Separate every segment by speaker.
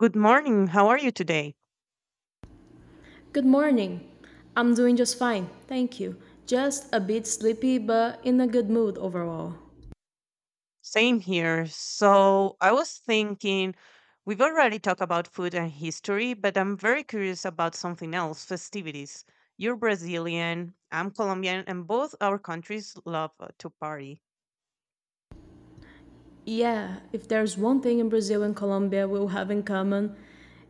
Speaker 1: Good morning. How are you today?
Speaker 2: Good morning. I'm doing just fine, thank you. Just a bit sleepy, but in a good mood overall.
Speaker 1: Same here. So, I was thinking we've already talked about food and history, but I'm very curious about something else, festivities. You're Brazilian, I'm Colombian, and both our countries love to party.
Speaker 2: Yeah, if there's one thing in Brazil and Colombia we'll have in common,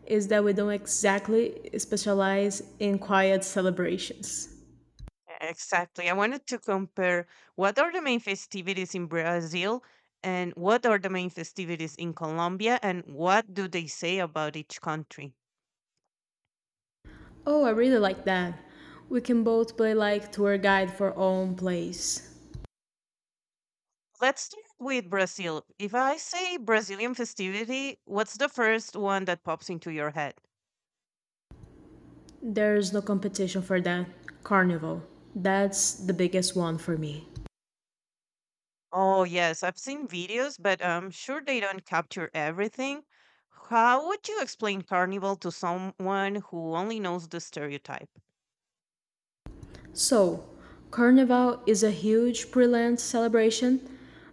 Speaker 2: is that we don't exactly specialize in quiet celebrations.
Speaker 1: Exactly. I wanted to compare what are the main festivities in Brazil and what are the main festivities in Colombia, and what do they say about each country?
Speaker 2: Oh, I really like that. We can both play like tour guide for our own place.
Speaker 1: Let's start with Brazil. If I say Brazilian festivity, what's the first one that pops into your head?
Speaker 2: There's no competition for that. Carnival. That's the biggest one for me.
Speaker 1: Oh, yes, I've seen videos, but I'm sure they don't capture everything. How would you explain carnival to someone who only knows the stereotype?
Speaker 2: So, Carnival is a huge pre-Lent celebration,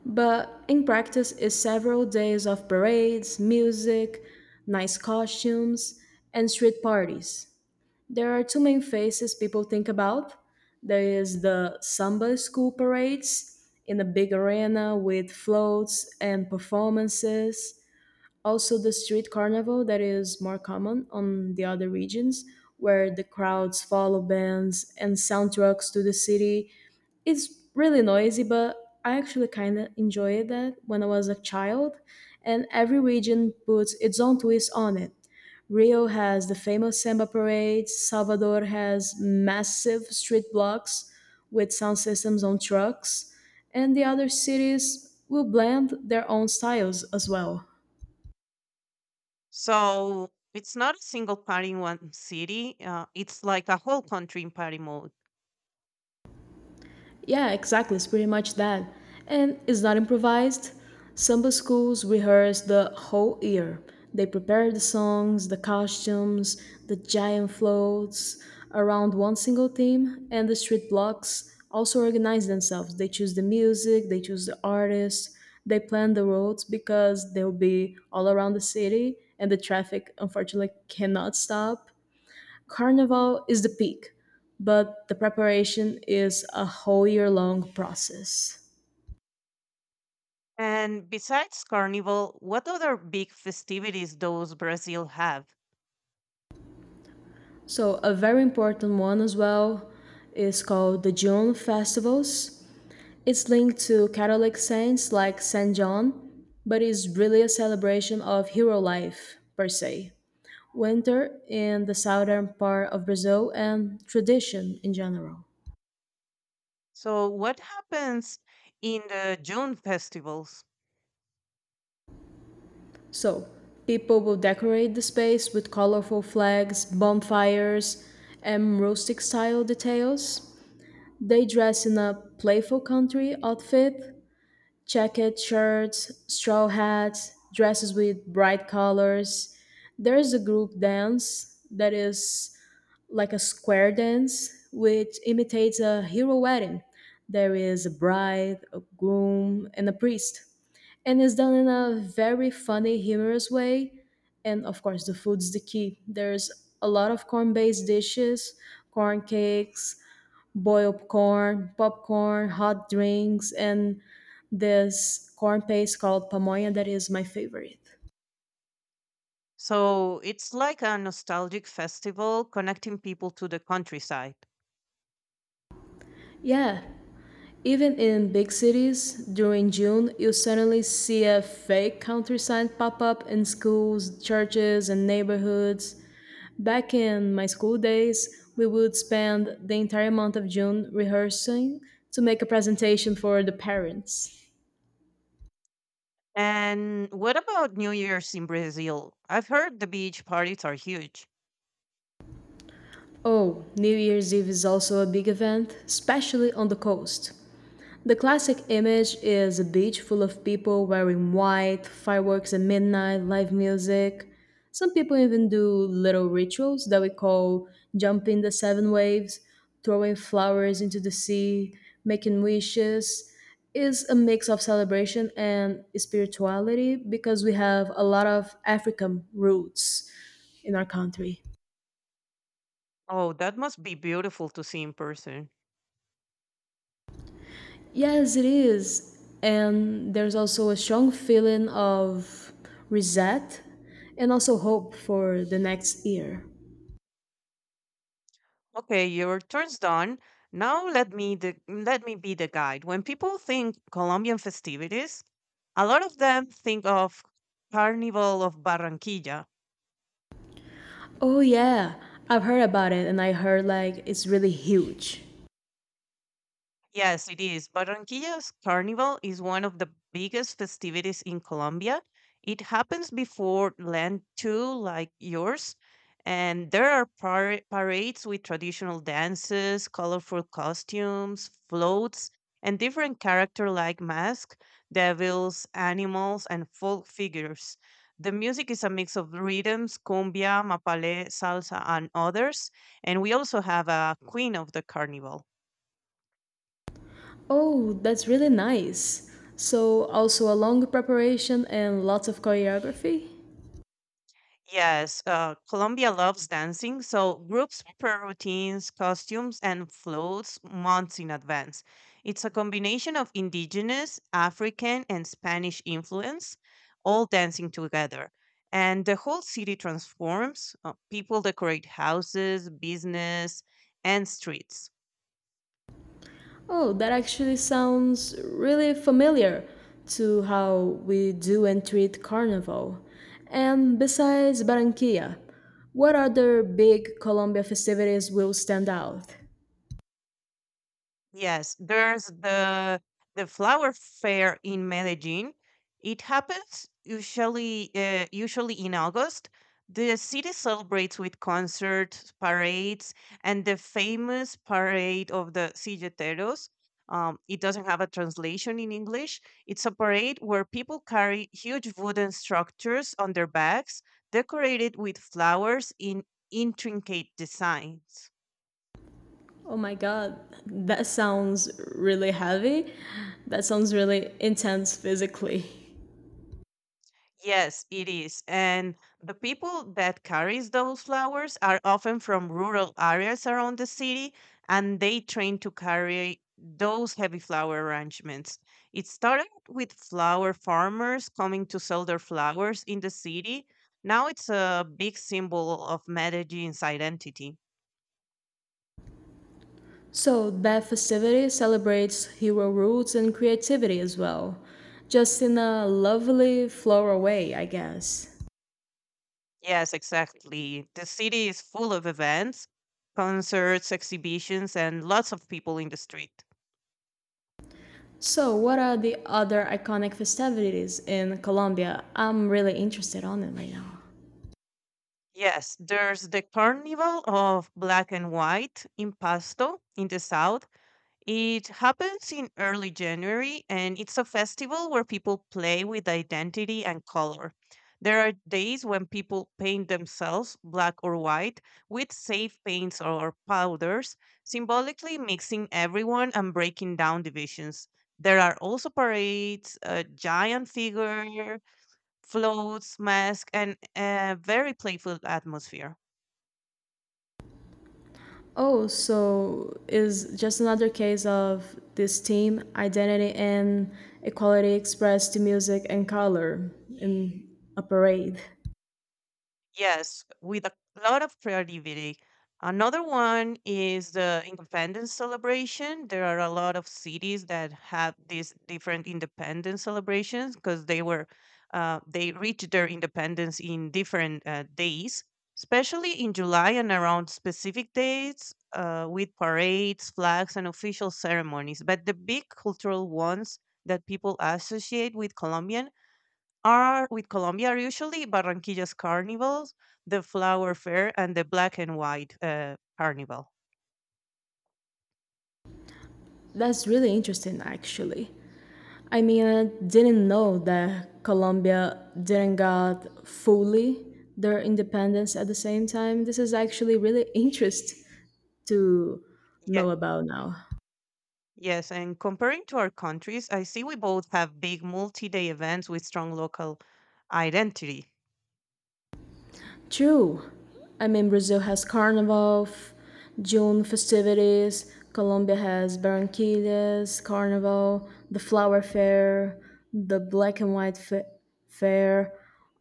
Speaker 2: but in practice is several days of parades, music, nice costumes, and street parties. There are two main phases people think about. There is the samba school parades in a big arena with floats and performances. Also, the street carnival that is more common on the other regions, where the crowds follow bands and soundtracks to the city. It's really noisy, but I actually kind of enjoyed that when I was a child, and every region puts its own twist on it. Rio has the famous samba parades, Salvador has massive street blocks with sound systems on trucks, and the other cities will blend their own styles as well.
Speaker 1: So it's not a single party in one city, it's like a whole country in party mode.
Speaker 2: Yeah, exactly. It's pretty much that. And it's not improvised. Samba schools rehearse the whole year. They prepare the songs, the costumes, the giant floats around one single theme, and the street blocks also organize themselves. They choose the music, they choose the artists, they plan the roads because they'll be all around the city, and the traffic unfortunately cannot stop. Carnival is the peak, but the preparation is a whole year long process.
Speaker 1: And besides carnival, what other big festivities does Brazil have?
Speaker 2: So, a very important one as well is called the June festivals. It's linked to Catholic saints like Saint John, but is really a celebration of hero life per se, winter in the southern part of Brazil, and tradition in general.
Speaker 1: So, what happens in the June festivals?
Speaker 2: So, people will decorate the space with colorful flags, bonfires, and rustic style details. They dress in a playful country outfit, jacket shirts, straw hats, dresses with bright colors. There is a group dance that is like a square dance, which imitates a hero wedding. There is a bride, a groom, and a priest and it's done in a very funny, humorous way. And of course, the food's the key. There's a lot of corn-based dishes, corn cakes, boiled corn, popcorn, hot drinks, and this corn paste called pamonha that is my favorite.
Speaker 1: So, it's like a nostalgic festival connecting people to the countryside.
Speaker 2: Yeah, even in big cities during June, you suddenly see a fake countryside pop up in schools, churches, and neighborhoods. Back in my school days, we would spend the entire month of June rehearsing to make a presentation for the parents.
Speaker 1: And what about New Year's in Brazil? I've heard the beach parties are huge.
Speaker 2: Oh, New Year's Eve is also a big event, especially on the coast. The classic image is a beach full of people wearing white, fireworks at midnight, live music. Some people even do little rituals that we call jumping the seven waves, throwing flowers into the sea, making wishes. Is a mix of celebration and spirituality because we have a lot of African roots in our country.
Speaker 1: Oh, that must be beautiful to see in person.
Speaker 2: Yes, it is. And there's also a strong feeling of reset and also hope for the next year.
Speaker 1: Okay, your turn's done. Now let me be the guide. When people think Colombian festivities, a lot of them think of Carnival of Barranquilla.
Speaker 2: Oh, yeah, I've heard about it and I heard like it's really huge.
Speaker 1: Yes, it is. Barranquilla's Carnival is one of the biggest festivities in Colombia. It happens before Lent too, like yours. And there are parades with traditional dances, colorful costumes, floats, and different character like masks, devils, animals, and folk figures. The music is a mix of rhythms, cumbia, mapale, salsa, and others. And we also have a queen of the carnival.
Speaker 2: Oh, that's really nice. So, also a long preparation and lots of choreography?
Speaker 1: Yes, Colombia loves dancing, so groups prepare routines, costumes, and floats months in advance. It's a combination of indigenous, African, and Spanish influence, all dancing together. And the whole city transforms. People decorate houses, business, and streets.
Speaker 2: Oh, that actually sounds really familiar to how we do and treat Carnival. And besides Barranquilla, what other big Colombia festivities will stand out?
Speaker 1: Yes, there's the flower fair in Medellin. It happens usually in August. The city celebrates with concerts, parades, and the famous parade of the silleteros. It doesn't have a translation in English. It's a parade where people carry huge wooden structures on their backs, decorated with flowers in intricate designs.
Speaker 2: Oh my god, that sounds really heavy. That sounds really intense physically.
Speaker 1: Yes, it is. And the people that carries those flowers are often from rural areas around the city, and they train to carry those heavy flower arrangements. It started with flower farmers coming to sell their flowers in the city. Now it's a big symbol of Medellin's identity.
Speaker 2: So, that festivity celebrates hero roots and creativity as well, just in a lovely floral way, I guess.
Speaker 1: Yes, exactly. The city is full of events, concerts, exhibitions, and lots of people in the street.
Speaker 2: So, what are the other iconic festivities in Colombia? I'm really interested on it right now.
Speaker 1: Yes, there's the carnival of black and white in Pasto in the south. It happens in early January and it's a festival where people play with identity and color. There are days when people paint themselves black or white with safe paints or powders, symbolically mixing everyone and breaking down divisions. There are also parades, a giant figure, floats, masks, and a very playful atmosphere.
Speaker 2: Oh, so is just another case of this team identity and equality expressed to music and color in a parade.
Speaker 1: Yes, with a lot of creativity. Another one is the independence celebration. There are a lot of cities that have these different independence celebrations because they were they reached their independence in different days, especially in July and around specific dates with parades, flags, and official ceremonies. But the big cultural ones that people associate with Colombia are usually Barranquilla's carnivals, the flower fair, and the black and white carnival.
Speaker 2: That's really interesting, actually. I mean, I didn't know that Colombia didn't got fully their independence at the same time. This is actually really interest to
Speaker 1: Yeah,
Speaker 2: know about now.
Speaker 1: yes, and comparing to our countries, I see we both have big multi-day events with strong local identity.
Speaker 2: True. I mean, Brazil has Carnival, June festivities, Colombia has Barranquillas, Carnival, the Flower Fair, the Black and White Fair.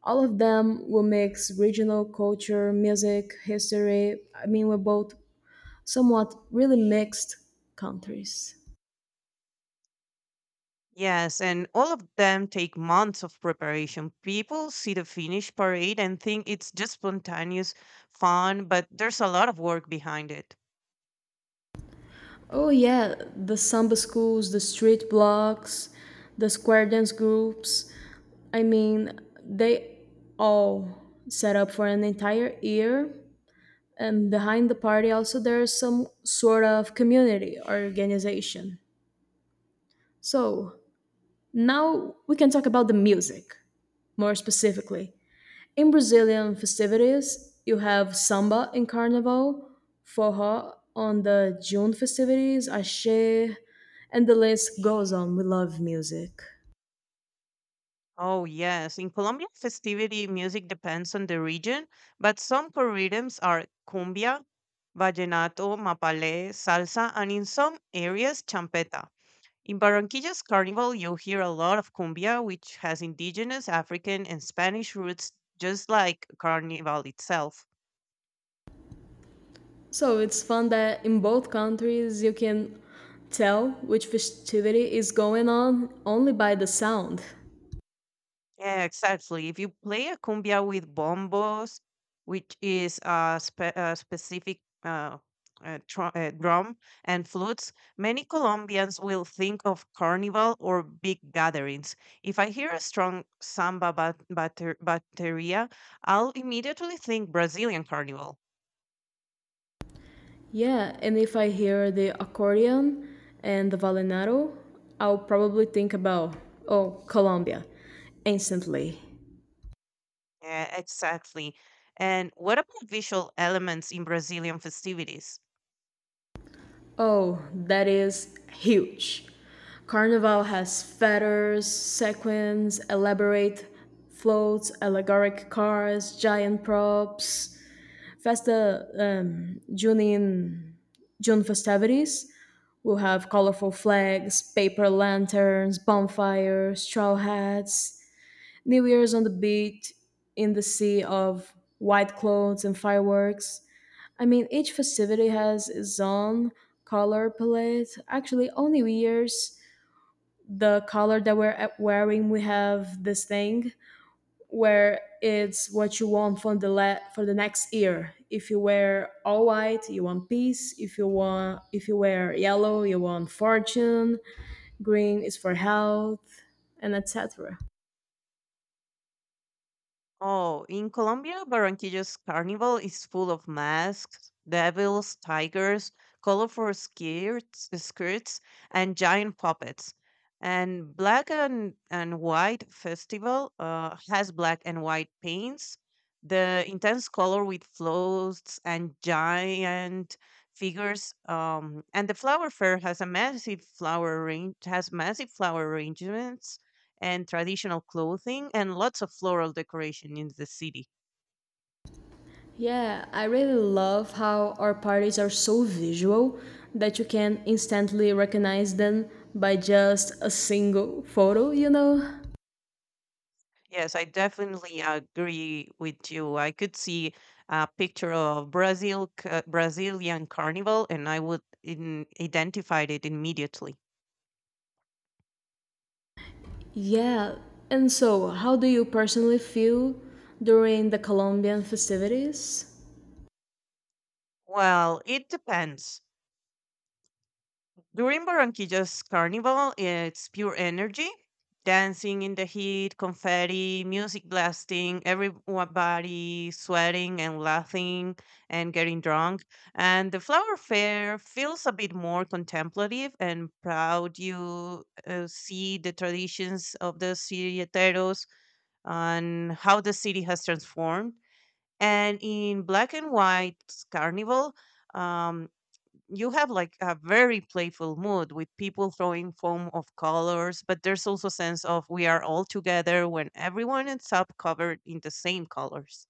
Speaker 2: All of them will mix regional culture, music, history. I mean, we're both somewhat really mixed countries.
Speaker 1: Yes, and all of them take months of preparation. People see the finished parade and think it's just spontaneous fun, but there's a lot of work behind it.
Speaker 2: Oh yeah, the samba schools, the street blocks, the square dance groups. I mean, they all set up for an entire year. And behind the party also there is some sort of community or organization. So, now we can talk about the music more specifically. In Brazilian festivities, you have samba in Carnival, forró on the June festivities, axé, and the list goes on. We love music.
Speaker 1: Oh, yes. In Colombian festivity, music depends on the region, but some core rhythms are cumbia, vallenato, mapalé, salsa, and in some areas, champeta. In Barranquilla's carnival, you'll hear a lot of cumbia, which has indigenous, African, and Spanish roots, just like carnival itself.
Speaker 2: So it's fun that in both countries you can tell which festivity is going on only by the sound.
Speaker 1: Yeah, exactly. If you play a cumbia with bombos, which is a specific drum and flutes, many Colombians will think of carnival or big gatherings. If I hear a strong samba bateria, I'll immediately think Brazilian carnival.
Speaker 2: Yeah, and if I hear the accordion and the vallenato, I'll probably think about, oh, Colombia, instantly.
Speaker 1: Yeah, exactly. And what about visual elements in Brazilian festivities?
Speaker 2: Oh, that is huge. Carnival has feathers, sequins, elaborate floats, allegoric cars, giant props. Festa Junin, June festivities will have colorful flags, paper lanterns, bonfires, straw hats, New Year's on the beach, in the sea of white clothes and fireworks. I mean, each festivity has its own color palette. Actually, only New Year's, the color that wearing, we have this thing where it's what you want for for the next year. If you wear all white, you want peace. If you wear yellow, you want fortune. Green is for health, and etc.
Speaker 1: Oh, in Colombia, Barranquillo's carnival is full of masks, devils, tigers, colorful skirts, and giant puppets. And black and white festival has black and white paints, the intense color with floats and giant figures. And the flower fair has a has massive flower arrangements and traditional clothing and lots of floral decoration in the city.
Speaker 2: Yeah, I really love how our parties are so visual that you can instantly recognize them by just a single photo, you know?
Speaker 1: Yes, I definitely agree with you. I could see a picture of Brazilian carnival and I would identify it immediately.
Speaker 2: Yeah, and so how do you personally feel during the Colombian festivities?
Speaker 1: Well, it depends. During Barranquilla's carnival, it's pure energy. Dancing in the heat, confetti, music blasting, everybody sweating and laughing and getting drunk. And the flower fair feels a bit more contemplative and proud. You see the traditions of the citeros and how the city has transformed. And in black and white carnival, um, you have like a very playful mood with people throwing foam of colors, but there's also a sense of we are all together when everyone ends up covered in the same colors.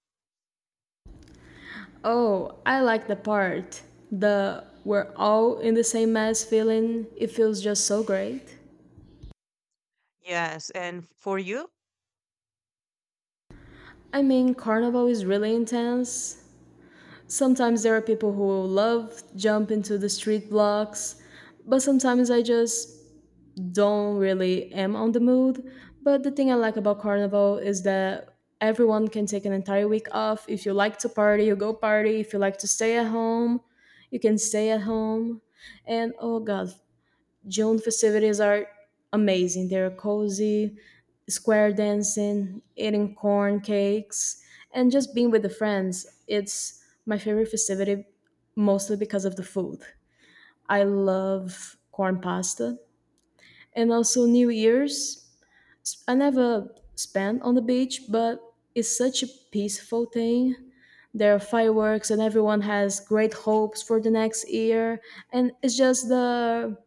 Speaker 2: Oh, I like the part. The we're all in the same mess feeling, it feels just so great.
Speaker 1: Yes, and for you,
Speaker 2: I mean, carnival is really intense, sometimes there are people who love jump into the street blocks, but sometimes I just don't really am on the mood. But the thing I like about carnival is that everyone can take an entire week off. If you like to party, you go party. If you like to stay at home, you can stay at home. And oh god, June festivities are amazing. They're cozy square dancing, eating corn cakes, and just being with the friends. It's my favorite festivity mostly because of the food. I love corn pasta. And also New Year's, I never spent on the beach, but it's such a peaceful thing. There are fireworks and everyone has great hopes for the next year and it's just the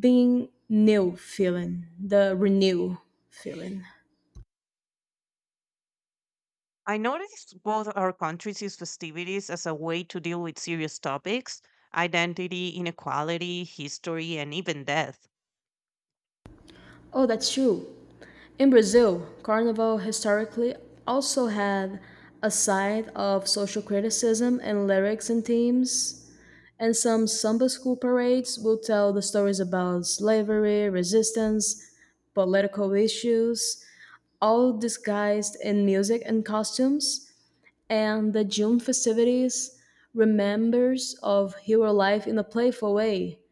Speaker 2: being new feeling, the renew feeling.
Speaker 1: I noticed both our countries use festivities as a way to deal with serious topics, identity, inequality, history, and even death.
Speaker 2: Oh, that's true. In Brazil, Carnival historically also had a side of social criticism in lyrics and themes, and some samba school parades will tell the stories about slavery, resistance, political issues, all disguised in music and costumes, and the June festivities remembers of hero life in a playful way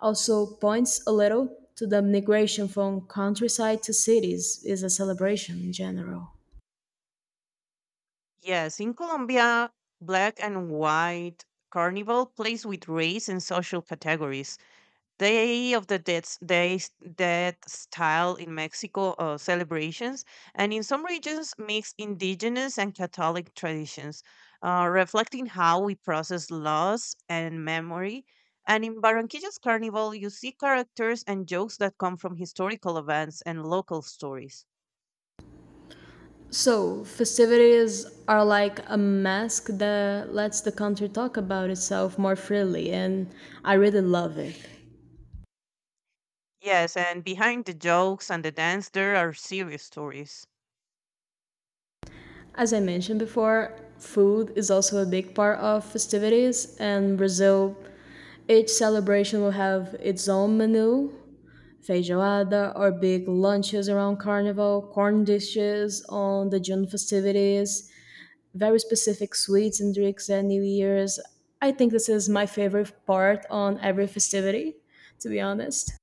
Speaker 2: also points a little to the migration from countryside to cities is a celebration in general.
Speaker 1: Yes, in Colombia, black and white carnival plays with race and social categories, Day of the Dead, Day, Dead style in Mexico celebrations, and in some regions mix indigenous and Catholic traditions, reflecting how we process loss and memory. And in Barranquilla's Carnival, you see characters and jokes that come from historical events and local stories.
Speaker 2: So, festivities are like a mask that lets the country talk about itself more freely, and I really love it.
Speaker 1: Yes, and behind the jokes and the dance, there are serious stories.
Speaker 2: As I mentioned before, food is also a big part of festivities, and Brazil, each celebration will have its own menu feijoada or big lunches around carnival, corn dishes on the June festivities, very specific sweets and drinks at New Year's. I think this is my favorite part on every festivity, to be honest.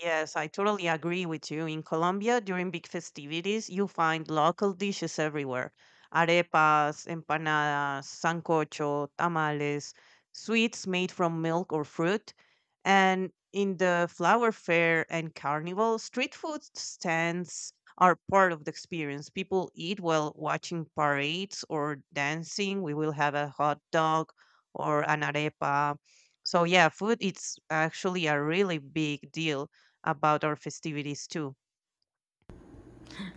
Speaker 1: Yes, I totally agree with you. In Colombia, during big festivities, you find local dishes everywhere. Arepas, empanadas, sancocho, tamales, sweets made from milk or fruit. And in the flower fair and carnival, street food stands are part of the experience. People eat while watching parades or dancing. We will have a hot dog or an arepa. So yeah, food it's actually a really big deal about our festivities too.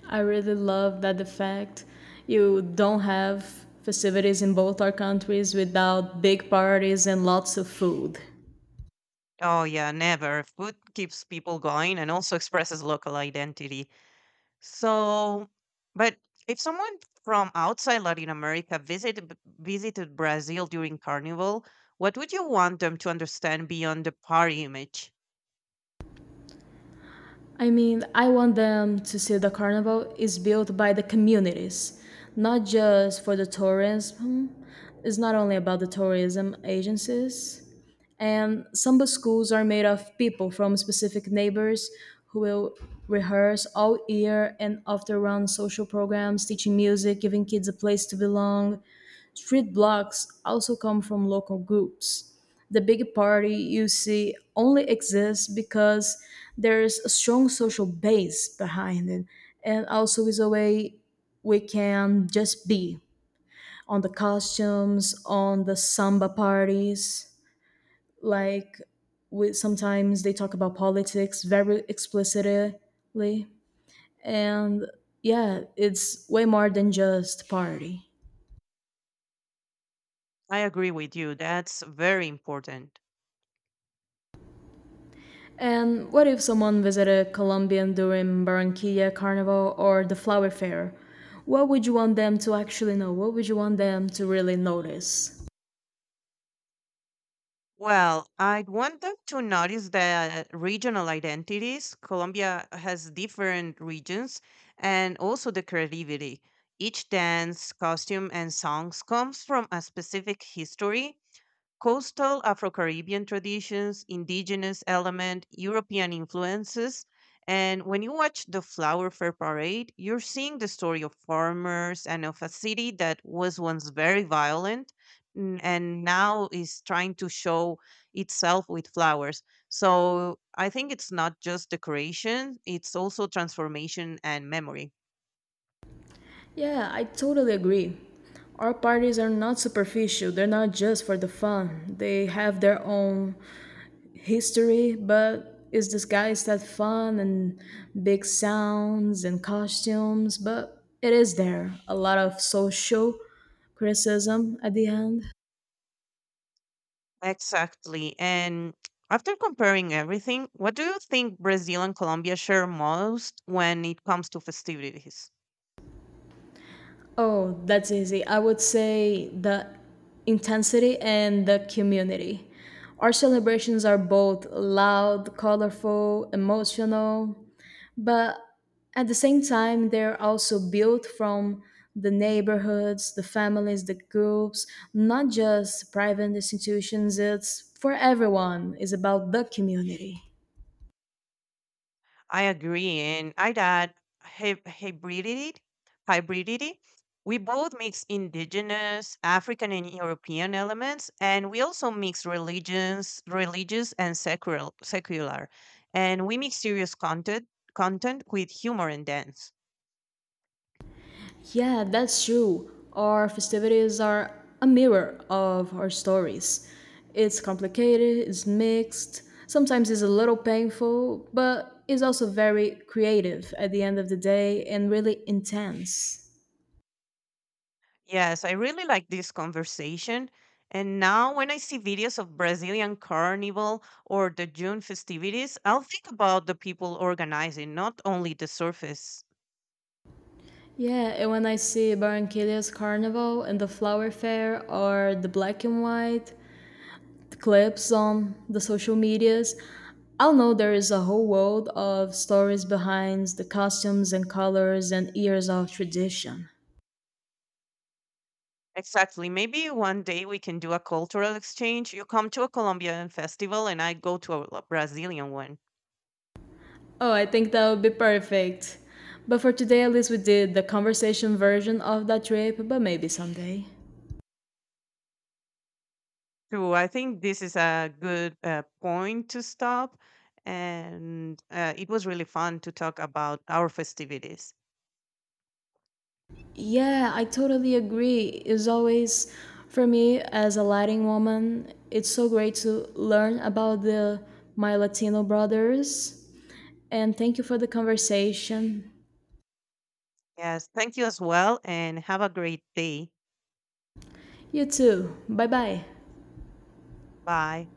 Speaker 2: I really love that the fact you don't have festivities in both our countries without big parties and lots of food.
Speaker 1: Oh yeah, never. Food keeps people going and also expresses local identity. So, but if someone from outside Latin America visited Brazil during Carnival, what would you want them to understand beyond the party image?
Speaker 2: I mean, I want them to see the carnival is built by the communities, not just for the tourism. It's not only about the tourism agencies. And samba schools are made of people from specific neighbors who will rehearse all year and often run social programs, teaching music, giving kids a place to belong. Street blocks also come from local groups. The big party you see only exists because there's a strong social base behind it, and also is a way we can just be on the costumes, on the samba parties like with sometimes they talk about politics very explicitly and yeah, it's way more than just party.
Speaker 1: I agree with you. That's very important.
Speaker 2: And what if someone visited Colombia during Barranquilla Carnival or the Flower Fair? What would you want them to actually know? What would you want them to really notice?
Speaker 1: Well, I'd want them to notice the regional identities. Colombia has different regions and also the creativity. Each dance, costume, and songs comes from a specific history, coastal Afro-Caribbean traditions, indigenous element, European influences. And when you watch the Flower Fair Parade, you're seeing the story of farmers and of a city that was once very violent and now is trying to show itself with flowers. So I think it's not just decoration, it's also transformation and memory.
Speaker 2: Yeah, I totally agree. Our parties are not superficial, they're not just for the fun. They have their own history, but it's disguised as fun and big sounds and costumes, but it is there. A lot of social criticism at the end.
Speaker 1: Exactly. And after comparing everything, what do you think Brazil and Colombia share most when it comes to festivities?
Speaker 2: Oh, that's easy. I would say the intensity and the community. Our celebrations are both loud, colorful, emotional, but at the same time they're also built from the neighborhoods, the families, the groups, not just private institutions. It's for everyone, it's about the community.
Speaker 1: I agree, and I add hybridity. Hybridity. We both mix indigenous, African, and European elements, and we also mix religions, religious and secular, and we mix content with humor and dance.
Speaker 2: Yeah, that's true, our festivities are a mirror of our stories. It's complicated, it's mixed, sometimes it's a little painful, but it's also very creative at the end of the day and really intense.
Speaker 1: Yes, I really like this conversation. And now, when I see videos of Brazilian carnival or the June festivities, I'll think about the people organizing, not only the surface.
Speaker 2: Yeah, and when I see Barranquilla's carnival and the flower fair or the black and white clips on the social medias, I'll know there is a whole world of stories behind the costumes and colors and years of tradition.
Speaker 1: Exactly. Maybe one day we can do a cultural exchange. You come to a Colombian festival, and I go to a Brazilian one.
Speaker 2: Oh, I think that would be perfect. But for today, at least we did the conversation version of that trip, but maybe someday.
Speaker 1: True. I think this is a good point to stop. And it was really fun to talk about our festivities.
Speaker 2: Yeah, I totally agree. It's always, for me as a Latin woman, it's so great to learn about the my Latino brothers. And thank you for the conversation.
Speaker 1: Yes. Thank you as well. And have a great day.
Speaker 2: You too. Bye bye.
Speaker 1: Bye.